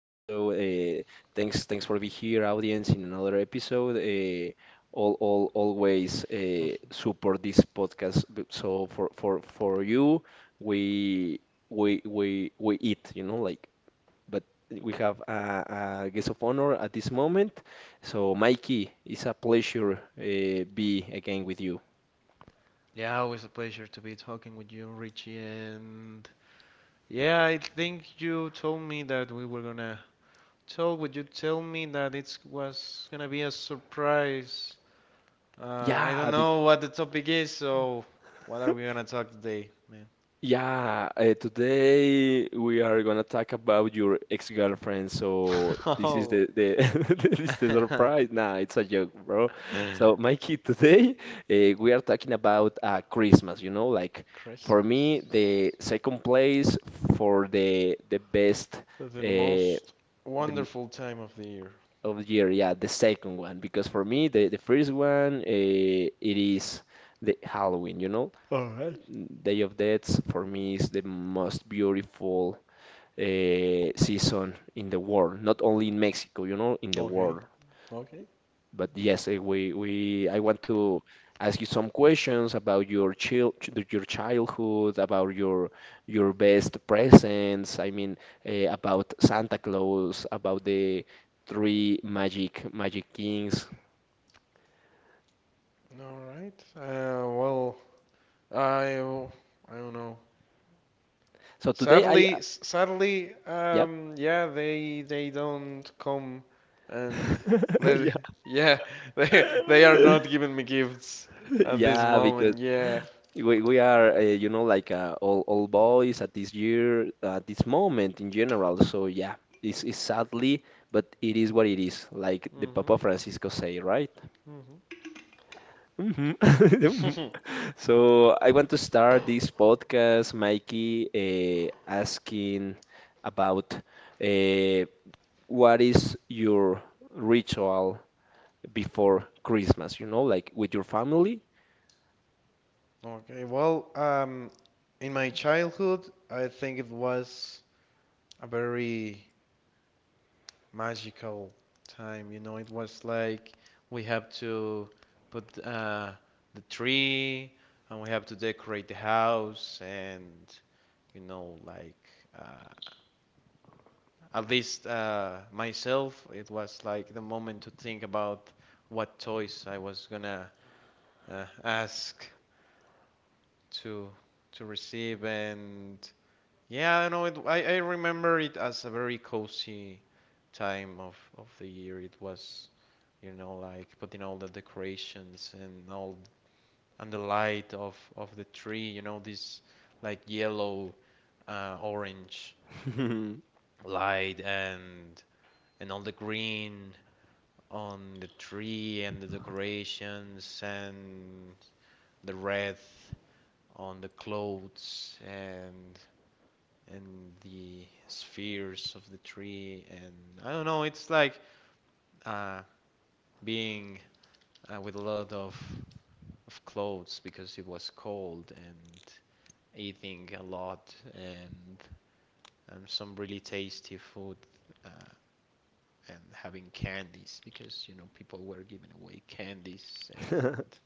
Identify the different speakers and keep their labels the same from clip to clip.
Speaker 1: Thanks for being here, audience, in another episode. Always support this podcast. So for, for you, we, we eat, you know, like, but we have a guest of honor at this moment. So Mikey, it's a pleasure be again with you.
Speaker 2: Yeah, always a pleasure to be talking with you, Richie. And yeah, I think you told me that we were gonna talk. Would you tell me that it was gonna be a surprise? Uh, I
Speaker 1: Yeah,
Speaker 2: don't know what the topic is, so what are we gonna talk today, man?
Speaker 1: Yeah. Today we are gonna talk about your ex-girlfriend. So this is
Speaker 2: Oh,
Speaker 1: the this is the surprise. Nah, it's a joke, bro. So Mikey, today we are talking about Christmas. You know, like for me,
Speaker 2: Christmas.
Speaker 1: the second place for the best
Speaker 2: The most
Speaker 1: the m-
Speaker 2: wonderful time of the year.
Speaker 1: of the year. Yeah, the second one because for me the first one it is the Halloween. You know.
Speaker 2: All right.
Speaker 1: Day of Deaths for me is the most beautiful season in the world, not only in Mexico, you know, in the
Speaker 2: Okay.
Speaker 1: world.
Speaker 2: Okay.
Speaker 1: But yes, eh, we I want to ask you some questions about your your childhood, about your best presents. I mean, about Santa Claus, about the three magic kings.
Speaker 2: All right. Well, I don't know.
Speaker 1: So today
Speaker 2: Sadly, sadly,
Speaker 1: yep,
Speaker 2: um, yeah, they don't come and let, yeah, they are
Speaker 1: yeah.
Speaker 2: not giving me gifts at this
Speaker 1: Yeah, because
Speaker 2: moment. Yeah.
Speaker 1: we are you know like all boys at this year at this moment in general. So yeah, it's sadly, but it is what it is. Like the
Speaker 2: Mhm.
Speaker 1: Papa Francisco say, right? Mhm.
Speaker 2: Mhm.
Speaker 1: So I want to start this podcast, Mikey, asking about uh, what is your ritual before Christmas? You know, like with your family.
Speaker 2: Okay, well, in my childhood, I think it was a very magical time. You know, it was like we have to put the tree, and we have to decorate the house. And you know, like uh, at least myself, it was like the moment to think about what toys I was gonna ask to receive, and yeah, I know it. I remember it as a very cozy time of the year. It was, you know, like putting all the decorations and all, and the light of the tree. You know this like yellow, orange light, and all the green on the tree and the decorations, and the red on the clothes, and the spheres of the tree. And I don't know, it's like uh, being with a lot of clothes because it was cold, and eating a lot, and some really tasty food, uh, and having candies because you know people were giving away candies. And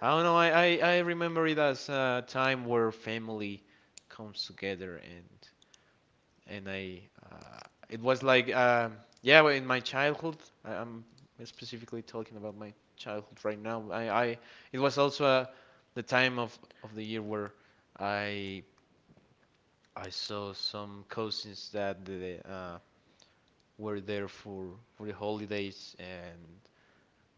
Speaker 2: I don't know. I remember it as a time where family comes together. And I it was like yeah well, In my childhood, I'm specifically talking about my childhood right now. I It was also the time of the year where I I saw some cousins that were there for the holidays. And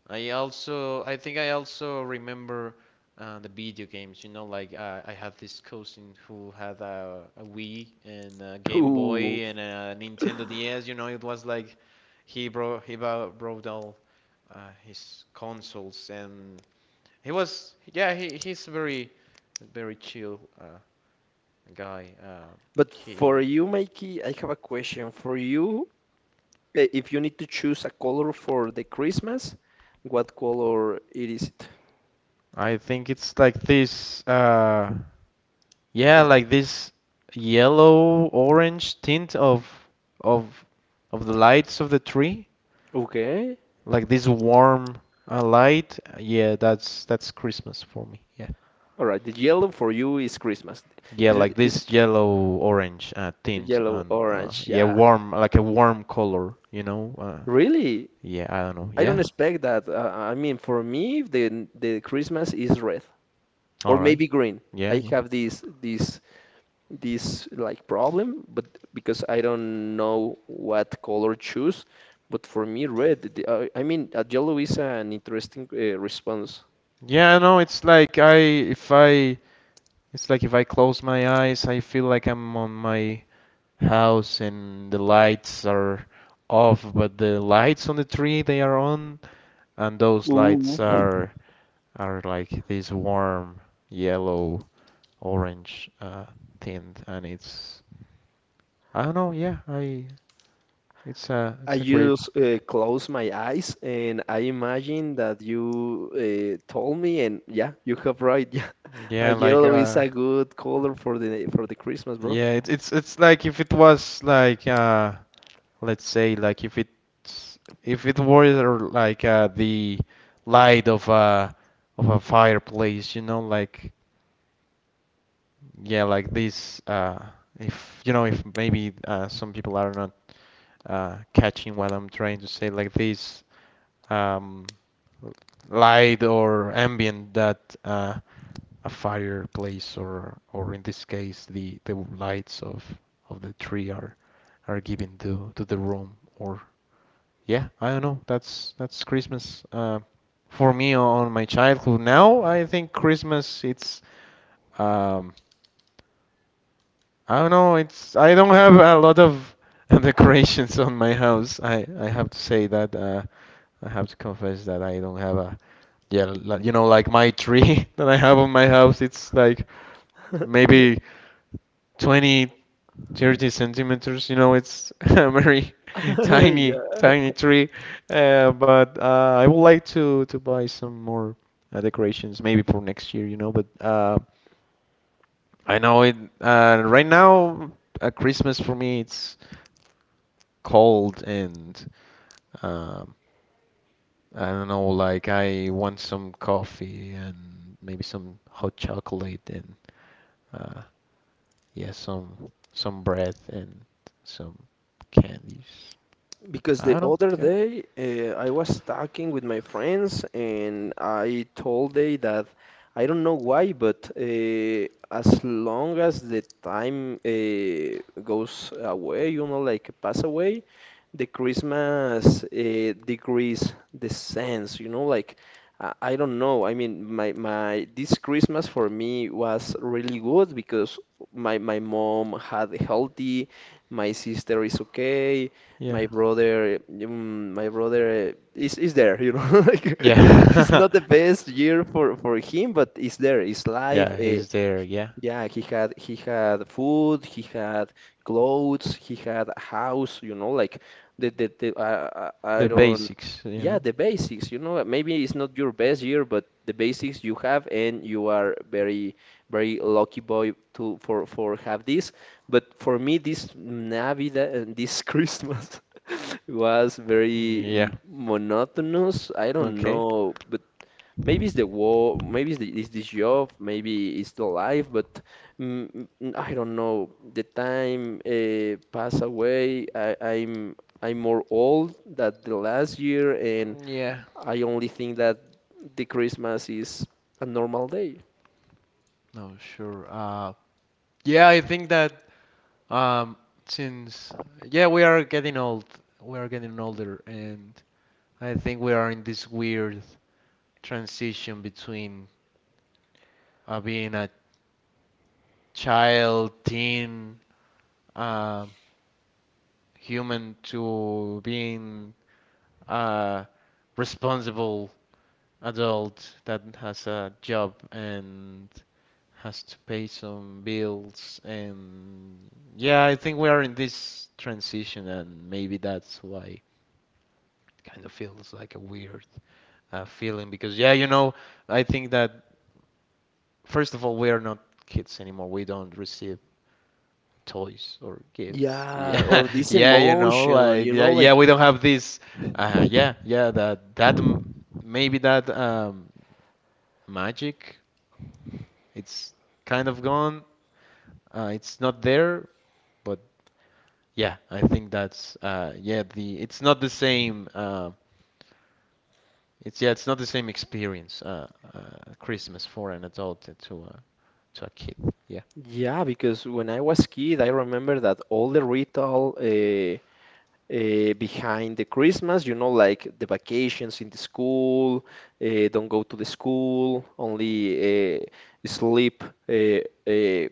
Speaker 2: I also, I think I also remember the video games. You know, like I had this cousin who had a Wii and a Game
Speaker 1: Ooh.
Speaker 2: Boy and a Nintendo DS. You know, it was like he brought he bou- brought all his consoles. And he was, yeah, he's very very chill guy.
Speaker 1: But for
Speaker 2: He
Speaker 1: you, Mikey, I have a question for you. If you need to choose a color for the Christmas, what color it is it?
Speaker 2: I think it's like this. Yeah, like this yellow orange tint of of the lights of the tree,
Speaker 1: Okay.
Speaker 2: like this warm light. Yeah, that's Christmas for me. Yeah.
Speaker 1: All right. The yellow for you is Christmas.
Speaker 2: Yeah,
Speaker 1: Is
Speaker 2: like
Speaker 1: is
Speaker 2: this yellow orange tint
Speaker 1: yellow,
Speaker 2: and
Speaker 1: orange.
Speaker 2: yeah,
Speaker 1: Yeah.
Speaker 2: warm like a warm color, you know.
Speaker 1: Really?
Speaker 2: Yeah, I don't know.
Speaker 1: I don't
Speaker 2: Yeah.
Speaker 1: expect that. I mean, for me, the Christmas is red or
Speaker 2: All right.
Speaker 1: maybe green.
Speaker 2: Yeah,
Speaker 1: I
Speaker 2: yeah.
Speaker 1: have this like problem, but because I don't know what color choose, but for me red. I mean, yellow is an interesting response.
Speaker 2: Yeah, I know it's like I if I it's like if I close my eyes, I feel like I'm on my house and the lights are off, but the lights on the tree they are on, and those
Speaker 1: Ooh.
Speaker 2: lights are like this warm yellow orange tint, and it's I don't know, yeah, I
Speaker 1: I
Speaker 2: it's a great
Speaker 1: just close my eyes and I imagine that you told me, and yeah, you have right. Yeah,
Speaker 2: yeah like
Speaker 1: yellow is
Speaker 2: uh
Speaker 1: a good color for the Christmas, bro.
Speaker 2: yeah it's it's like if it was like let's say like if it were like the light of a fireplace, you know, like, yeah, like this. If you know, if maybe some people are not catching what I'm trying to say, like this um, l- light or ambient that a fireplace, or in this case, the lights of the tree are given to the room. Or yeah, I don't know. That's Christmas for me on my childhood. Now I think Christmas it's um, I don't know. It's I don't have a lot of decorations on my house. I have to say that I have to confess that I don't have a you know like my tree that I have on my house. It's like maybe 20 30 centimeters. You know, it's a very tiny
Speaker 1: Yeah.
Speaker 2: tiny tree. But I would like to buy some more decorations maybe for next year. You know, but I know it. Right now, Christmas for me it's cold, and um, I don't know. Like I want some coffee, and maybe some hot chocolate, and uh, yeah, some bread and some candies.
Speaker 1: Because
Speaker 2: I
Speaker 1: the
Speaker 2: don't know.
Speaker 1: other
Speaker 2: Yeah,
Speaker 1: day I was talking with my friends and I told they that I don't know why, but as long as the time goes away, you know, like pass away, the Christmas decrease the sense, you know, like I don't know. I mean, my this Christmas for me was really good because my mom had healthy, my sister is okay,
Speaker 2: yeah,
Speaker 1: my brother is there you know like it's
Speaker 2: yeah,
Speaker 1: not the best year for him but it's there it's life
Speaker 2: yeah. He's there. Yeah,
Speaker 1: yeah, he had, food, he had clothes, he had a house, you know, like the I
Speaker 2: the
Speaker 1: don't,
Speaker 2: basics. You
Speaker 1: yeah,
Speaker 2: know.
Speaker 1: the basics, you know, maybe it's not your best year, but the basics you have and you are very lucky boy to for have this. But for me this Navidad and this Christmas was
Speaker 2: Mm,
Speaker 1: very
Speaker 2: yeah.
Speaker 1: monotonous. I don't
Speaker 2: Okay.
Speaker 1: know, but maybe it's the war, maybe the, it's this job, maybe it's the life, but I don't know. The time pass away. I'm more old than the last year, and
Speaker 2: Yeah.
Speaker 1: I only think that the Christmas is a normal day.
Speaker 2: No, sure. Yeah, I think that Um, since yeah, we are getting old. We are getting older, and I think we are in this weird transition between being a child, teen, uh, human, to being a responsible adult that has a job and has to pay some bills. And yeah, I think we are in this transition, and maybe that's why feels like a weird feeling. Because yeah, you know, I think that first of all, we are not kids anymore. We don't receive toys or gifts.
Speaker 1: Yeah,
Speaker 2: Yeah,
Speaker 1: or this
Speaker 2: yeah, you know,
Speaker 1: emotion,
Speaker 2: like
Speaker 1: you
Speaker 2: yeah,
Speaker 1: know,
Speaker 2: yeah,
Speaker 1: like
Speaker 2: we don't have this. Yeah, yeah, maybe that magic. It's kind of gone. It's not there, but yeah, I think that's yeah, the it's not the same. It's yeah, it's not the same experience. Christmas for an adult and to a kid. Yeah.
Speaker 1: yeah, because when I was kid, I remember that all the ritual. Behind the Christmas, you know, like the vacations in the school, don't go to the school, only sleep uh, uh,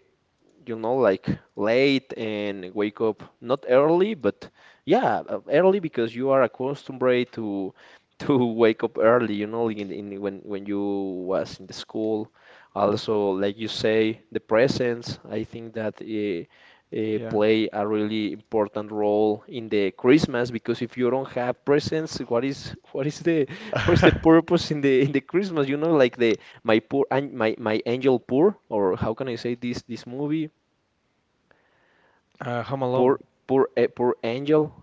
Speaker 1: you know, like late and wake up not early, but yeah, early because you are accustomed to to wake up early, you know, in when you was in the school. Also, like you say, the presence, I think that
Speaker 2: Yeah.
Speaker 1: play a really important role in the Christmas because if you don't have presents, what is what is the what is the purpose in the Christmas? You know, like the my poor an- my angel poor or how can I say this movie?
Speaker 2: Home Alone.
Speaker 1: Poor, poor Angel.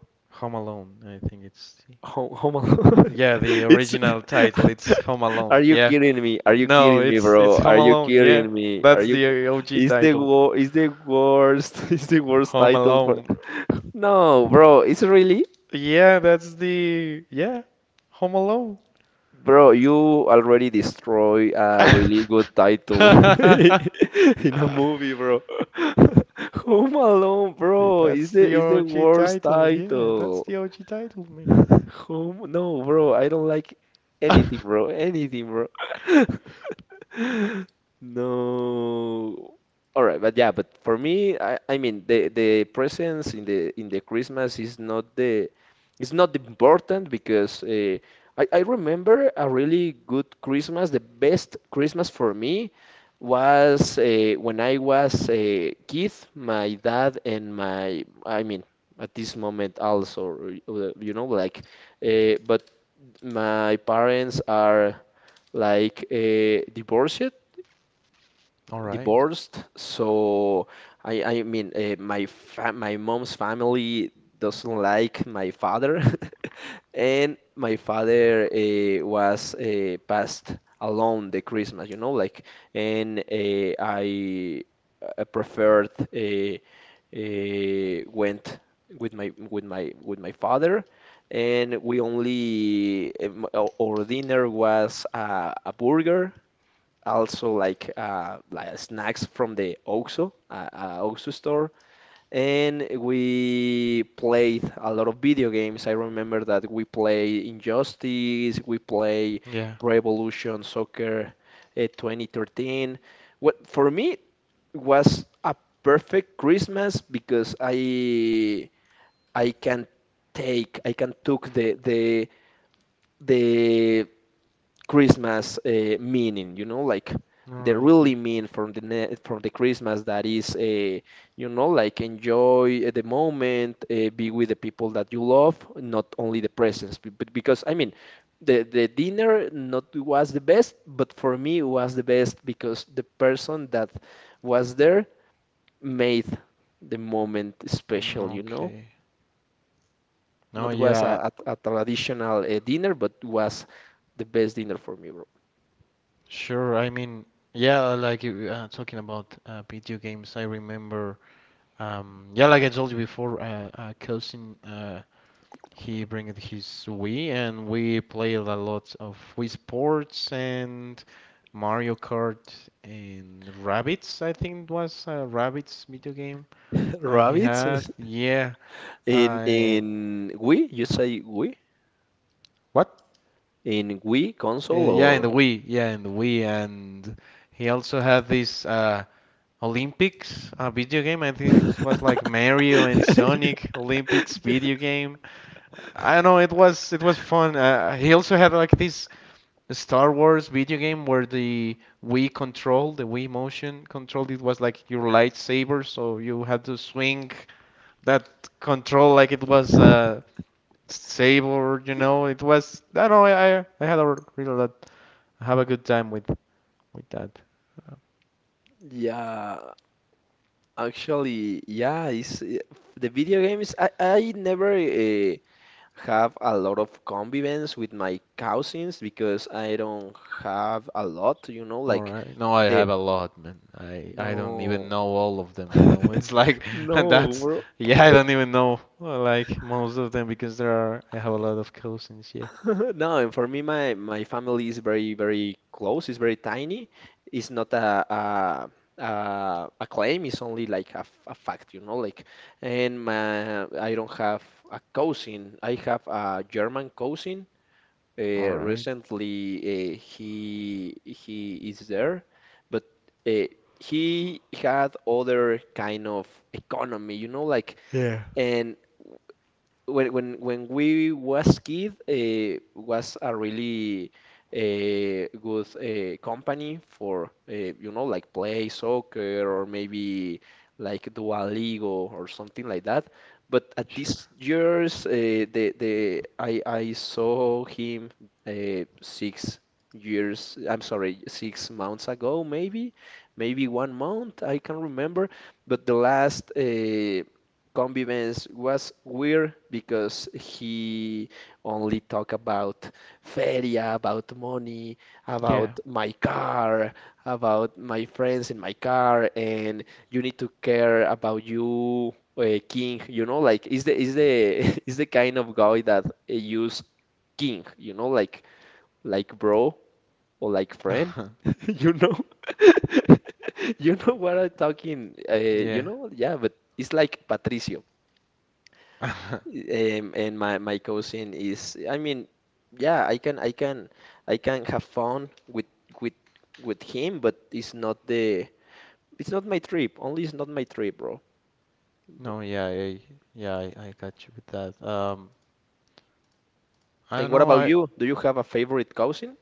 Speaker 2: Home Alone. I think it's
Speaker 1: Home Alone.
Speaker 2: yeah, the
Speaker 1: It's.
Speaker 2: original title. It's Home
Speaker 1: Are
Speaker 2: Alone.
Speaker 1: you
Speaker 2: Yeah.
Speaker 1: kidding me? Are you
Speaker 2: No,
Speaker 1: kidding me,
Speaker 2: it's
Speaker 1: bro?
Speaker 2: Home
Speaker 1: Are you
Speaker 2: Alone. Yeah.
Speaker 1: kidding me? Are
Speaker 2: That's
Speaker 1: you?
Speaker 2: the OG
Speaker 1: It's the
Speaker 2: title.
Speaker 1: It's the worst. It's the worst
Speaker 2: Home
Speaker 1: title for.
Speaker 2: Alone.
Speaker 1: No, bro. It's really.
Speaker 2: Yeah, that's the yeah. Home Alone.
Speaker 1: Bro, you already destroy a really good title in a movie, bro. Home Alone, bro. Is
Speaker 2: That's
Speaker 1: the
Speaker 2: the
Speaker 1: is the
Speaker 2: OG
Speaker 1: worst
Speaker 2: title. Yeah, that's
Speaker 1: title.
Speaker 2: the OG title, man.
Speaker 1: Home? No, bro. I don't like
Speaker 2: All
Speaker 1: anything, bro. Anything, bro. No. All right, but yeah, but for me, I mean the presents in the Christmas is not the, it's not important because I remember a really good Christmas. The best Christmas for me was when I was a kid. My dad and my, I mean at this moment also you know like but my parents are like divorced,
Speaker 2: right.
Speaker 1: divorced, so I mean my mom's family doesn't like my father, and my father was passed alone the Christmas, you know, like and I preferred went with my father. And we only, our dinner was a burger also like snacks from the OXXO, OXXO store, and we played a lot of video games. I remember that we play Injustice, we play
Speaker 2: Yeah.
Speaker 1: Pro Evolution Soccer 2013. What for me was a perfect Christmas because I can I can took the Christmas meaning, you know, like
Speaker 2: All
Speaker 1: the
Speaker 2: right. Yeah.
Speaker 1: really mean from the Christmas that is, you know, like enjoy the moment, be with the people that you love, not only the presents. Because I mean, the dinner not was the best, but for me it was the best because the person that was there made the moment
Speaker 2: Mm,
Speaker 1: special, you know.
Speaker 2: okay. No,
Speaker 1: Not was
Speaker 2: yeah.
Speaker 1: a traditional dinner, but was the best dinner for me, bro.
Speaker 2: Sure. I mean, yeah, like you talking about video games, I remember yeah, like I told you before, cousin he bring it his Wii, and we played a lot of Wii Sports and Mario Kart and Rabbids. I think it was a Rabbids video game that he
Speaker 1: Rabbits?
Speaker 2: had. Yeah. Uh,
Speaker 1: In Wii, you say Wii?
Speaker 2: what?
Speaker 1: In Wii console
Speaker 2: Yeah, in the
Speaker 1: or
Speaker 2: Wii. Yeah, in the Wii, and he also had this Olympics video game. I think it was like Mario and Sonic Olympics video game. I don't know. It was fun. He also had like this Star Wars video game where the Wii control, the Wii motion control, it was like your lightsaber, so you had to swing that control like it was a saber. You know, it was, I don't know. I had a really lot I have a good time with that.
Speaker 1: yeah, actually, yeah, it's the video games. I never have a lot of convivence with my cousins because I don't have a lot, you know,
Speaker 2: All
Speaker 1: like
Speaker 2: right. No, I
Speaker 1: the
Speaker 2: have a lot, man. I don't even
Speaker 1: no,
Speaker 2: know all of them, you know. It's like that's
Speaker 1: no,
Speaker 2: yeah, I don't even know like most of them, because there are I have a lot of cousins, yeah.
Speaker 1: no, and for me, my family is very close. It's very tiny. It's not a claim. It's only like a fact, you know. Like, and my, I don't have a cousin. I have a German cousin.
Speaker 2: All right.
Speaker 1: Recently, he is there, but uh, he had other kind of economy, you know, like.
Speaker 2: Yeah.
Speaker 1: And when we was kid was a really good company for you know like play soccer or maybe like Duolingo or something like that. But at these
Speaker 2: Sure.
Speaker 1: years, the I saw him 6 years. I'm sorry, 6 months ago, maybe maybe one month. I can remember. But the last Combi Benz was weird because he only talked about feria, about money,
Speaker 2: Yeah.
Speaker 1: about my car, about my friends in my car, and you need to care about you, king. You know, like is the is the kind of guy that use king. You know, like bro or like friend. You know, you know what I'm talking. You
Speaker 2: Yeah.
Speaker 1: know, yeah, but. It's like Patricio. And my cousin is, I mean, yeah, I can have fun with with him, but it's not the, it's not my trip. Only it's not my trip, bro.
Speaker 2: No, yeah, yeah, I got you with that. I
Speaker 1: And
Speaker 2: don't
Speaker 1: what
Speaker 2: know.
Speaker 1: about
Speaker 2: I
Speaker 1: you? Do you have a favorite cousin?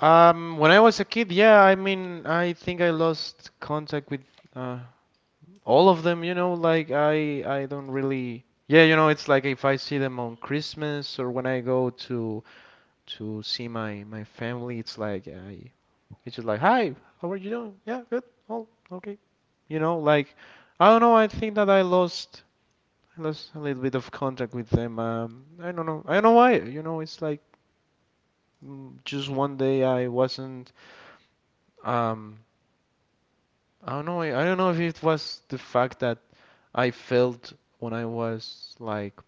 Speaker 2: when I was a kid, yeah, I mean, I think I lost contact with uh all of them, you know, like I don't really you know, it's like if I see them on Christmas, or when I go to see my my family, it's like I it's just like, "Hi, how are you doing?" Yeah, good. Oh, okay. You know, like I don't know, I think that I lost a little bit of contact with them. I don't know. I don't know why. You know, it's like just one day I wasn't um I don't know. I don't know if it was the fact that I felt when I was like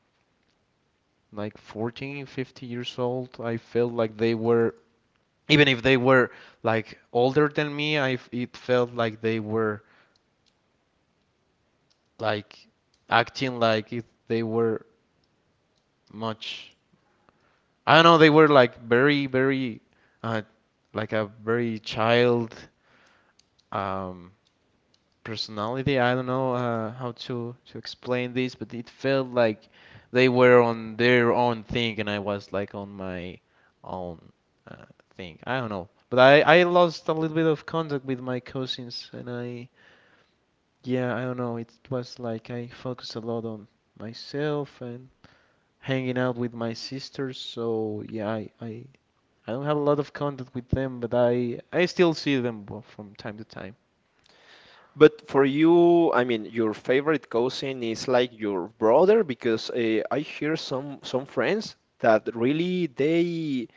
Speaker 2: 14, 50 years old. I felt like they were, even if they were like older than me, I it felt like they were like acting like if they were much. I don't know. They were like very, very, uh, like a very child. Um, Personality. I don't know how to explain this, but it felt like they were on their own thing and I was like on my own uh, thing. I don't know. But I lost a little bit of contact with my cousins, and I yeah, I don't know. It was like I focused a lot on myself and hanging out with my sisters, so yeah, I don't have a lot of contact with them, but I still see them well, from time to time.
Speaker 1: But for you, I mean, your favorite cousin is like your brother because I hear some friends that really they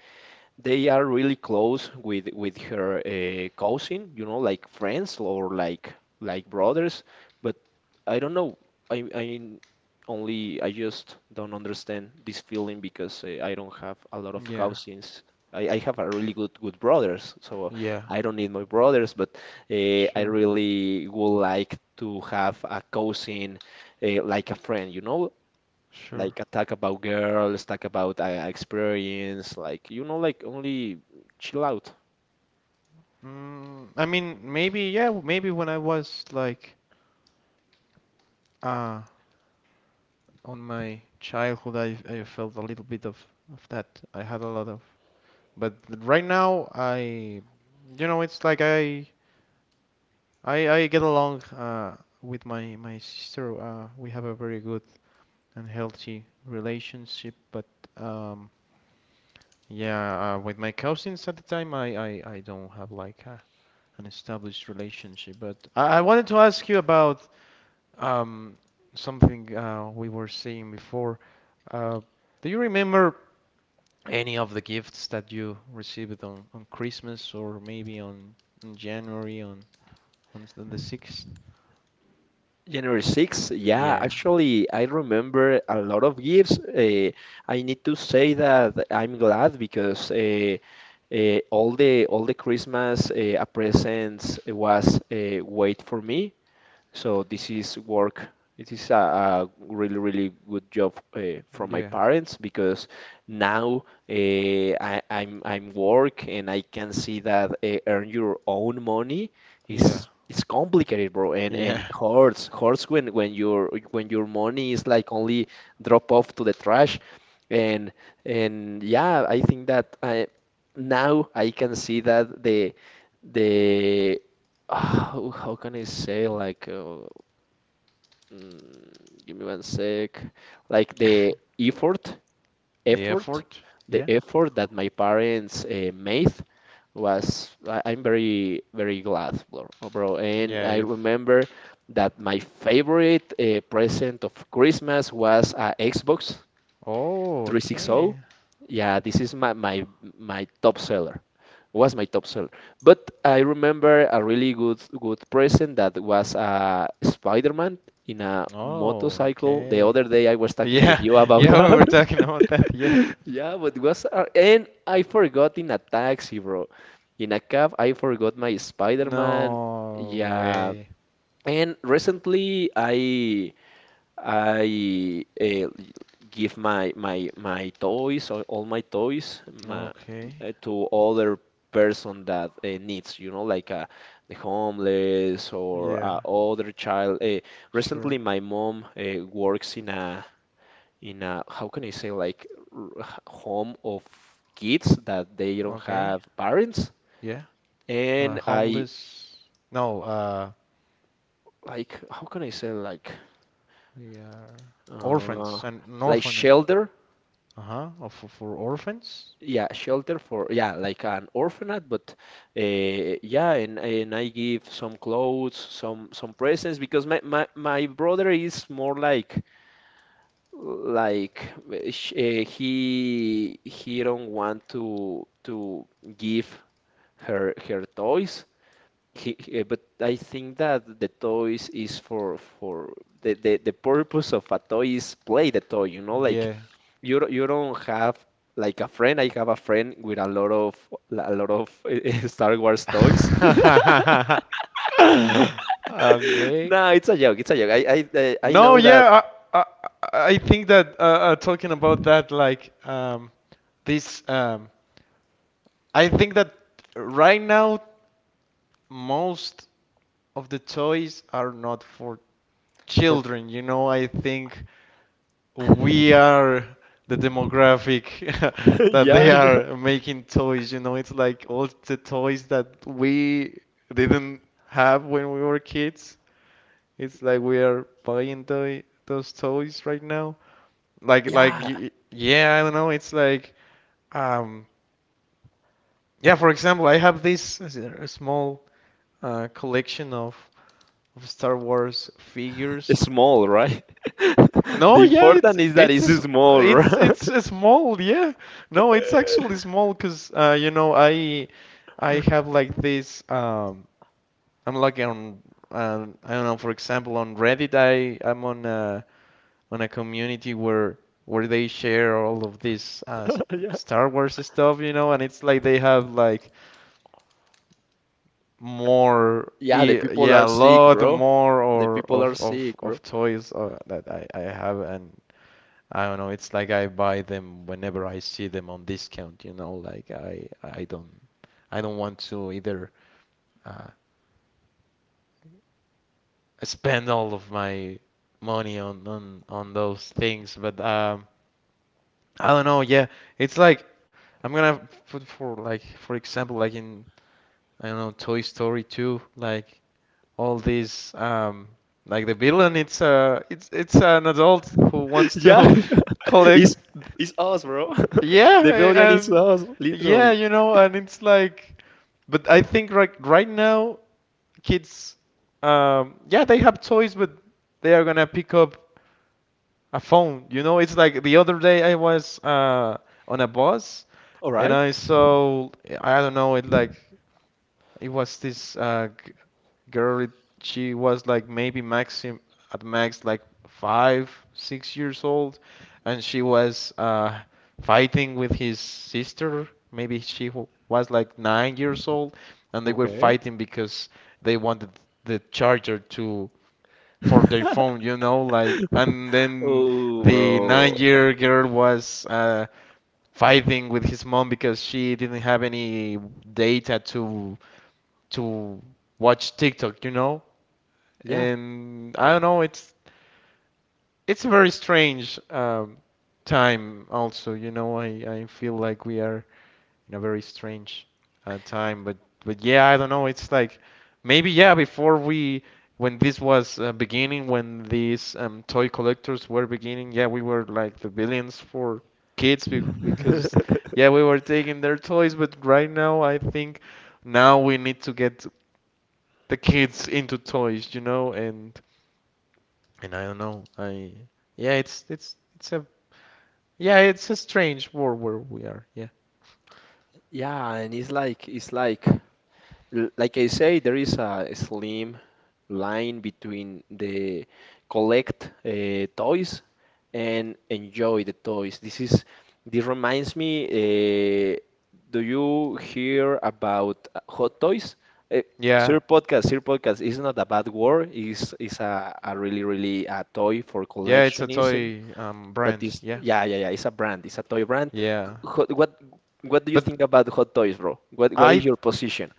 Speaker 1: they are really close with her cousin, you know, like friends or like brothers. But I don't know. I I I just don't understand this feeling because I don't have a lot of
Speaker 2: Yeah.
Speaker 1: cousins. I have a really good brothers, so
Speaker 2: Yeah.
Speaker 1: I don't need my brothers. But I
Speaker 2: Sure.
Speaker 1: really would like to have a cousin, like a friend, you know
Speaker 2: Sure.
Speaker 1: like talk about girls, talk about experience, like you know, like only chill out.
Speaker 2: Mm, I mean, maybe, yeah, maybe when I was like uh on my childhood, I felt a little bit of that. I had a lot of, but right now, you know, it's like I get along with my my sister. We have a very good and healthy relationship, but um. Yeah, with my cousins at the time, I don't have like an established relationship. But I wanted to ask you about Um, something we were seeing before. Uh, do you remember any of the gifts that you received on Christmas, or maybe on January on s- on the 6th?
Speaker 1: January 6th, yeah,
Speaker 2: Yeah,
Speaker 1: actually, I remember a lot of gifts. I need to say that I'm glad because all the Christmas presents was wait for me. So this is work. It is a really, really good job from my
Speaker 2: yeah,
Speaker 1: parents because now I'm work and I can see that earn your own money
Speaker 2: yeah,
Speaker 1: is it's complicated, bro, and
Speaker 2: yeah.
Speaker 1: and hurts when your money is like only drop off to the trash, and and yeah, I think that I can see that the how can I say like mm, give me one sec, like
Speaker 2: The
Speaker 1: effort
Speaker 2: effort?
Speaker 1: the
Speaker 2: Yeah,
Speaker 1: effort that my parents made was I'm very, very glad bro, and
Speaker 2: yeah,
Speaker 1: I
Speaker 2: you've.
Speaker 1: remember that my favorite present of Christmas was a Xbox
Speaker 2: Oh,
Speaker 1: 360.
Speaker 2: okay.
Speaker 1: Yeah, this is my top seller. Was my top seller. But I remember a really good present that was Spider-Man in a
Speaker 2: Oh,
Speaker 1: motorcycle. The
Speaker 2: okay.
Speaker 1: other day I was talking with
Speaker 2: Yeah,
Speaker 1: you about
Speaker 2: yeah, we
Speaker 1: that.
Speaker 2: were talking about that. Yeah.
Speaker 1: Yeah, but was and I forgot in a taxi, bro. In a cab, I forgot my Spider-Man.
Speaker 2: No
Speaker 1: Yeah.
Speaker 2: way.
Speaker 1: And recently I give my toys, all my toys,
Speaker 2: Okay.
Speaker 1: to other person that needs, like the homeless or
Speaker 2: Yeah,
Speaker 1: other child. Recently,
Speaker 2: sure.
Speaker 1: my mom works in a, how can I say, like home of kids that they don't
Speaker 2: Okay.
Speaker 1: have parents,
Speaker 2: Yeah,
Speaker 1: and I,
Speaker 2: homeless. No,
Speaker 1: like, how can I say,
Speaker 2: they are
Speaker 1: uh,
Speaker 2: orphans and an
Speaker 1: like
Speaker 2: orphan.
Speaker 1: shelter.
Speaker 2: Uh huh. Oh, for orphans.
Speaker 1: Yeah, shelter for, yeah, like an orphanage, but yeah, and I give some clothes, some presents because my brother is more like he don't want to give her toys, but I think that the toys is for the purpose of a toy is play the toy, like
Speaker 2: Yeah.
Speaker 1: you don't have like a friend. I have a friend with a lot of Star Wars toys.
Speaker 2: Okay.
Speaker 1: No, it's a joke. It's a joke. I
Speaker 2: No,
Speaker 1: know that,
Speaker 2: yeah, I, I, I think that talking about that, like this, I think that right now most of the toys are not for
Speaker 1: for
Speaker 2: children. You know, I think we are the demographic that
Speaker 1: yeah,
Speaker 2: they
Speaker 1: yeah,
Speaker 2: are making toys, you know. It's like all the toys that we didn't have when we were kids. It's like we are buying toy those toys right now. Like,
Speaker 1: yeah,
Speaker 2: yeah, I don't know, it's like um yeah. For example, I have a small collection of Star Wars
Speaker 1: it's
Speaker 2: figures.
Speaker 1: small, right?
Speaker 2: No,
Speaker 1: The
Speaker 2: yeah, it's
Speaker 1: important is that it's
Speaker 2: it's
Speaker 1: small,
Speaker 2: it's
Speaker 1: right?
Speaker 2: it's a small, yeah. No, it's actually small because you know, I have like this I'm like on, I don't know, for example, on Reddit, I'm on a community where they share all of this
Speaker 1: Yeah.
Speaker 2: Star Wars stuff, you know. And it's like they have like more,
Speaker 1: Yeah, the people
Speaker 2: yeah,
Speaker 1: are
Speaker 2: a
Speaker 1: sick,
Speaker 2: lot
Speaker 1: bro.
Speaker 2: more
Speaker 1: The
Speaker 2: or
Speaker 1: people are sick, bro.
Speaker 2: of toys that I have. And I don't know, it's like I buy them whenever I see them on discount, you know, like I don't want to either uh, spend all of my money on those things. But I don't know. Yeah, it's like I'm gonna put, for like for example, like in, I don't know, Toy Story 2, like all these like the villain, it's an adult who wants
Speaker 1: Yeah,
Speaker 2: to collect.
Speaker 1: It's it's us, bro. The billion
Speaker 2: Yeah.
Speaker 1: is
Speaker 2: And,
Speaker 1: us,
Speaker 2: yeah,
Speaker 1: literally.
Speaker 2: you know, and it's like, but I think right now, kids, yeah, they have toys, but they are gonna pick up a phone. You know, it's like the other day I was on a bus,
Speaker 1: All
Speaker 2: and
Speaker 1: right.
Speaker 2: I saw, I don't know, it like, it was this girl. She was like maybe maxim at max like 5, 6 years old, and she was fighting with his sister. Maybe she was like 9 years old, and they were
Speaker 1: Okay.
Speaker 2: fighting because they wanted the charger to for their phone, you know. Like and then
Speaker 1: Oh,
Speaker 2: the
Speaker 1: bro.
Speaker 2: 9-year girl was fighting with his mom because she didn't have any data to watch TikTok, you know?
Speaker 1: Yeah.
Speaker 2: And I don't know, it's a very strange time, also. You know, I feel like we are in a very strange time. But yeah, I don't know. It's like maybe yeah, before we, when this was beginning, when these toy collectors were beginning, yeah, we were like the billions for kids, because yeah, we were taking their toys. But right now, I think now we need to get the kids into toys, you know. And I don't know. I yeah, it's a Yeah, it's a strange world where we are. Yeah.
Speaker 1: Yeah, and it's like, like I say, there is a slim line between the collect toys and enjoy the toys. This reminds me, do you hear about hot toys? Uh,
Speaker 2: Yeah.
Speaker 1: Sir Podcast, Sir Podcast is not a bad word. Is a really, really a toy for
Speaker 2: Yeah, it's a
Speaker 1: collectionism.
Speaker 2: toy
Speaker 1: But
Speaker 2: brand.
Speaker 1: it's,
Speaker 2: Yeah.
Speaker 1: yeah, yeah, yeah, it's a brand. It's a toy brand.
Speaker 2: Yeah.
Speaker 1: Hot, what, what do you
Speaker 2: But,
Speaker 1: think about hot toys, bro? What
Speaker 2: I
Speaker 1: is your position?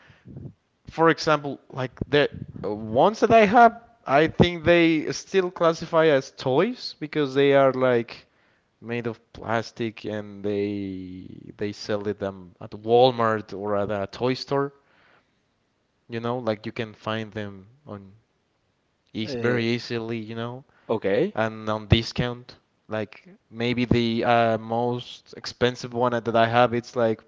Speaker 2: for example, like the ones that I have, I think they still classify as toys because they are like made of plastic, and they sell it them at Walmart or at a toy store, you know. Like you can find them on eas
Speaker 1: Uh,
Speaker 2: very easily, you know.
Speaker 1: Okay,
Speaker 2: And on discount. Like maybe the most expensive one that I have, it's like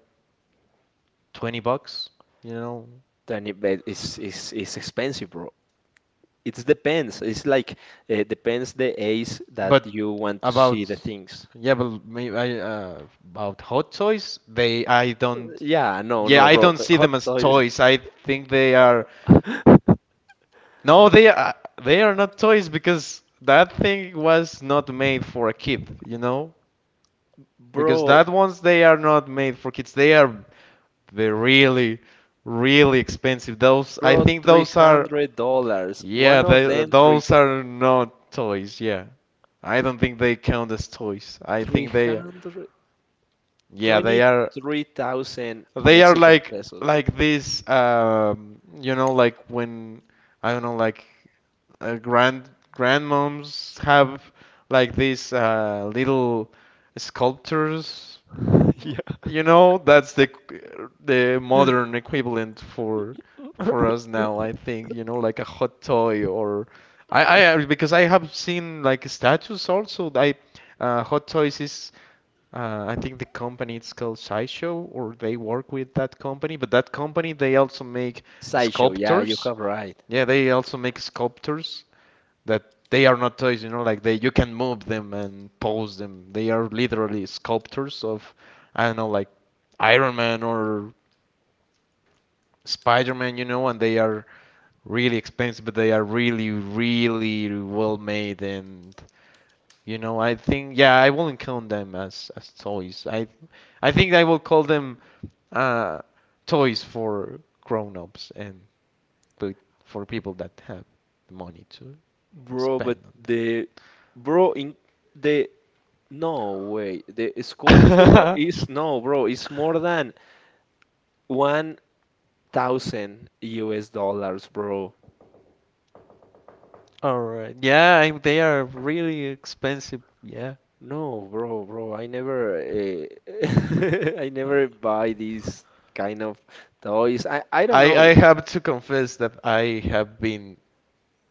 Speaker 2: 20 bucks, you know.
Speaker 1: tiny bed is expensive, bro. It depends. It's like depends the age that
Speaker 2: But
Speaker 1: you want to see
Speaker 2: about
Speaker 1: the things.
Speaker 2: yeah, but maybe about hot toys, they I don't
Speaker 1: Yeah, no,
Speaker 2: yeah,
Speaker 1: no,
Speaker 2: I
Speaker 1: bro.
Speaker 2: don't
Speaker 1: The
Speaker 2: see
Speaker 1: Hot
Speaker 2: them as
Speaker 1: toys,
Speaker 2: toys. I think they are, no, they are not toys, because that thing was not made for a kid, you know? Because
Speaker 1: bro,
Speaker 2: that ones they are not made for kids. They're really, really expensive.
Speaker 1: bro. Three hundred dollars. One of them, three
Speaker 2: Those are not toys. Yeah. I don't think they count as toys. I
Speaker 1: three
Speaker 2: think they
Speaker 1: hundred
Speaker 2: yeah,
Speaker 1: twenty three thousand
Speaker 2: they are
Speaker 1: Mexican
Speaker 2: like
Speaker 1: pesos,
Speaker 2: this, you know, like when I don't know, like uh, grand grandmoms have like these little sculptures,
Speaker 1: bro. Yeah.
Speaker 2: you know. That's the modern equivalent for us now, I think. You know, like a hot toy. Or, I, I because I have seen like statues also. I Hot Toys is, I think the company, it's called Sideshow, or they work with that company, but that company they also make
Speaker 1: Sideshow. Yeah, you
Speaker 2: sculptors.
Speaker 1: have right,
Speaker 2: Yeah, they also make sculptors that, they are not toys, you know, like they you can move them and pose them. They are literally sculptures of, I don't know, like Iron Man or Spider-Man, you know. And they are really expensive, but they are really, really well made. And you know, I think, yeah, I wouldn't count them as toys. I think I will call them uh toys for grown-ups, and but for people that have the money to
Speaker 1: bro.
Speaker 2: spend
Speaker 1: But
Speaker 2: on
Speaker 1: the bro in the No way. The sculpture
Speaker 2: that.
Speaker 1: is no, bro. It's more than 1,000 US dollars, bro.
Speaker 2: All right. Yeah, they are really expensive. Yeah.
Speaker 1: No, bro. I never, I
Speaker 2: Uh,
Speaker 1: never buy these kind of toys. I don't
Speaker 2: I,
Speaker 1: know.
Speaker 2: I have to confess that I have been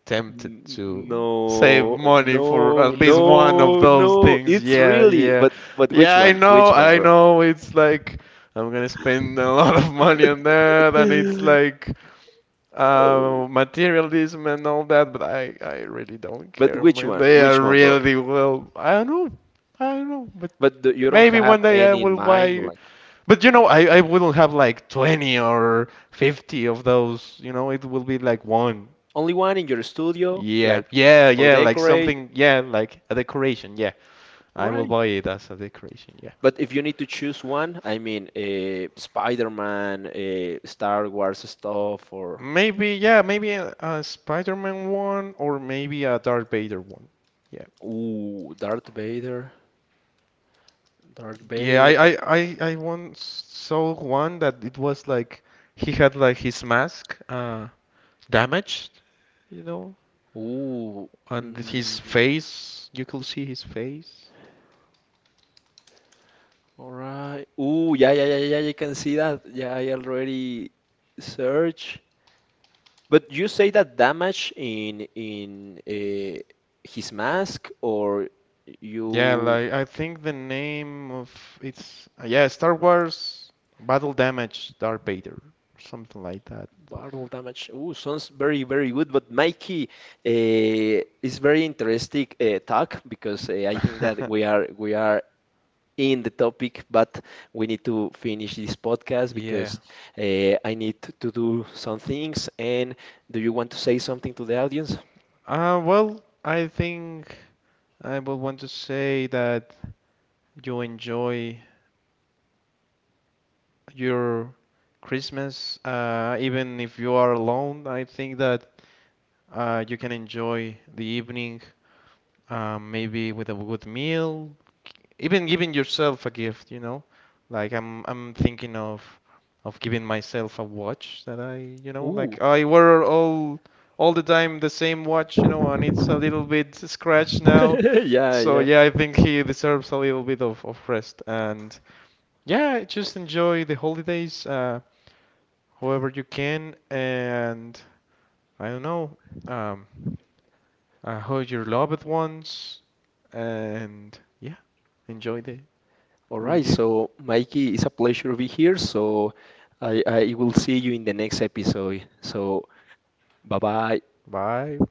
Speaker 2: tempted
Speaker 1: N-
Speaker 2: to save
Speaker 1: No,
Speaker 2: money for
Speaker 1: no,
Speaker 2: at least one of
Speaker 1: no,
Speaker 2: those
Speaker 1: no.
Speaker 2: things.
Speaker 1: It's
Speaker 2: Yeah,
Speaker 1: really,
Speaker 2: yeah.
Speaker 1: but, but which
Speaker 2: Yeah, I
Speaker 1: one? Which
Speaker 2: know,
Speaker 1: one,
Speaker 2: I
Speaker 1: bro?
Speaker 2: know. It's like I'm gonna spend a lot of money on that, and it's like materialism and all that, but I really don't
Speaker 1: But
Speaker 2: care,
Speaker 1: which
Speaker 2: man.
Speaker 1: one?
Speaker 2: They are
Speaker 1: Which one, bro?
Speaker 2: really well. I don't know. I don't know, but
Speaker 1: But you don't
Speaker 2: maybe
Speaker 1: have
Speaker 2: one day I
Speaker 1: any in
Speaker 2: will
Speaker 1: mind,
Speaker 2: buy
Speaker 1: like.
Speaker 2: But you know, I wouldn't have like 20 or 50 of those, you know. It will be like one.
Speaker 1: Only one in your studio,
Speaker 2: Yeah,
Speaker 1: like
Speaker 2: yeah,
Speaker 1: for
Speaker 2: yeah, like
Speaker 1: decorate,
Speaker 2: something, yeah, like a decoration, yeah. I will
Speaker 1: right?
Speaker 2: buy it as a decoration, yeah.
Speaker 1: But if you need to choose one, I mean, Spider-Man, Star Wars stuff, or
Speaker 2: Maybe, yeah, maybe a Spider-Man one, or maybe a Darth Vader one. Yeah.
Speaker 1: ooh, Darth Vader, Darth
Speaker 2: Yeah, I,
Speaker 1: Vader.
Speaker 2: I, I, I once saw one that it was like he had like his mask damaged, you know,
Speaker 1: Ooh,
Speaker 2: and his
Speaker 1: mm,
Speaker 2: face, you could see his face.
Speaker 1: all right. Ooh, yeah, yeah, yeah, yeah. You can see that. Yeah, I already search. But you say that damage in his mask, or
Speaker 2: Yeah,
Speaker 1: you?
Speaker 2: like I think the name of it's, yeah, Star Wars Battle Damage Darth Vader, something like that.
Speaker 1: Battle damage. Ooh, sounds very, very good. But Mikey, is very interesting talk because I think that we are we are in the topic, but we need to finish this podcast
Speaker 2: Yeah.
Speaker 1: because I need to do some things. And do you want to say something to the audience?
Speaker 2: Well, I think I would want to say that you enjoy your Christmas, even if you are alone. I think that you can enjoy the evening. Maybe with a good meal, even giving yourself a gift, you know? Like I'm thinking of giving myself a watch that I, you know, like
Speaker 1: Ooh,
Speaker 2: I wear all the time the same watch, you know, and it's a little bit scratched now.
Speaker 1: yeah,
Speaker 2: So
Speaker 1: yeah.
Speaker 2: yeah, I think he deserves a little bit of rest. And yeah, just enjoy the holidays however you can. And I don't know, um, hug your loved ones, and yeah, enjoy the,
Speaker 1: All
Speaker 2: the
Speaker 1: right.
Speaker 2: year.
Speaker 1: So, Mikey, it's a pleasure to be here. So, I will see you in the next episode. So, bye bye.
Speaker 2: Bye.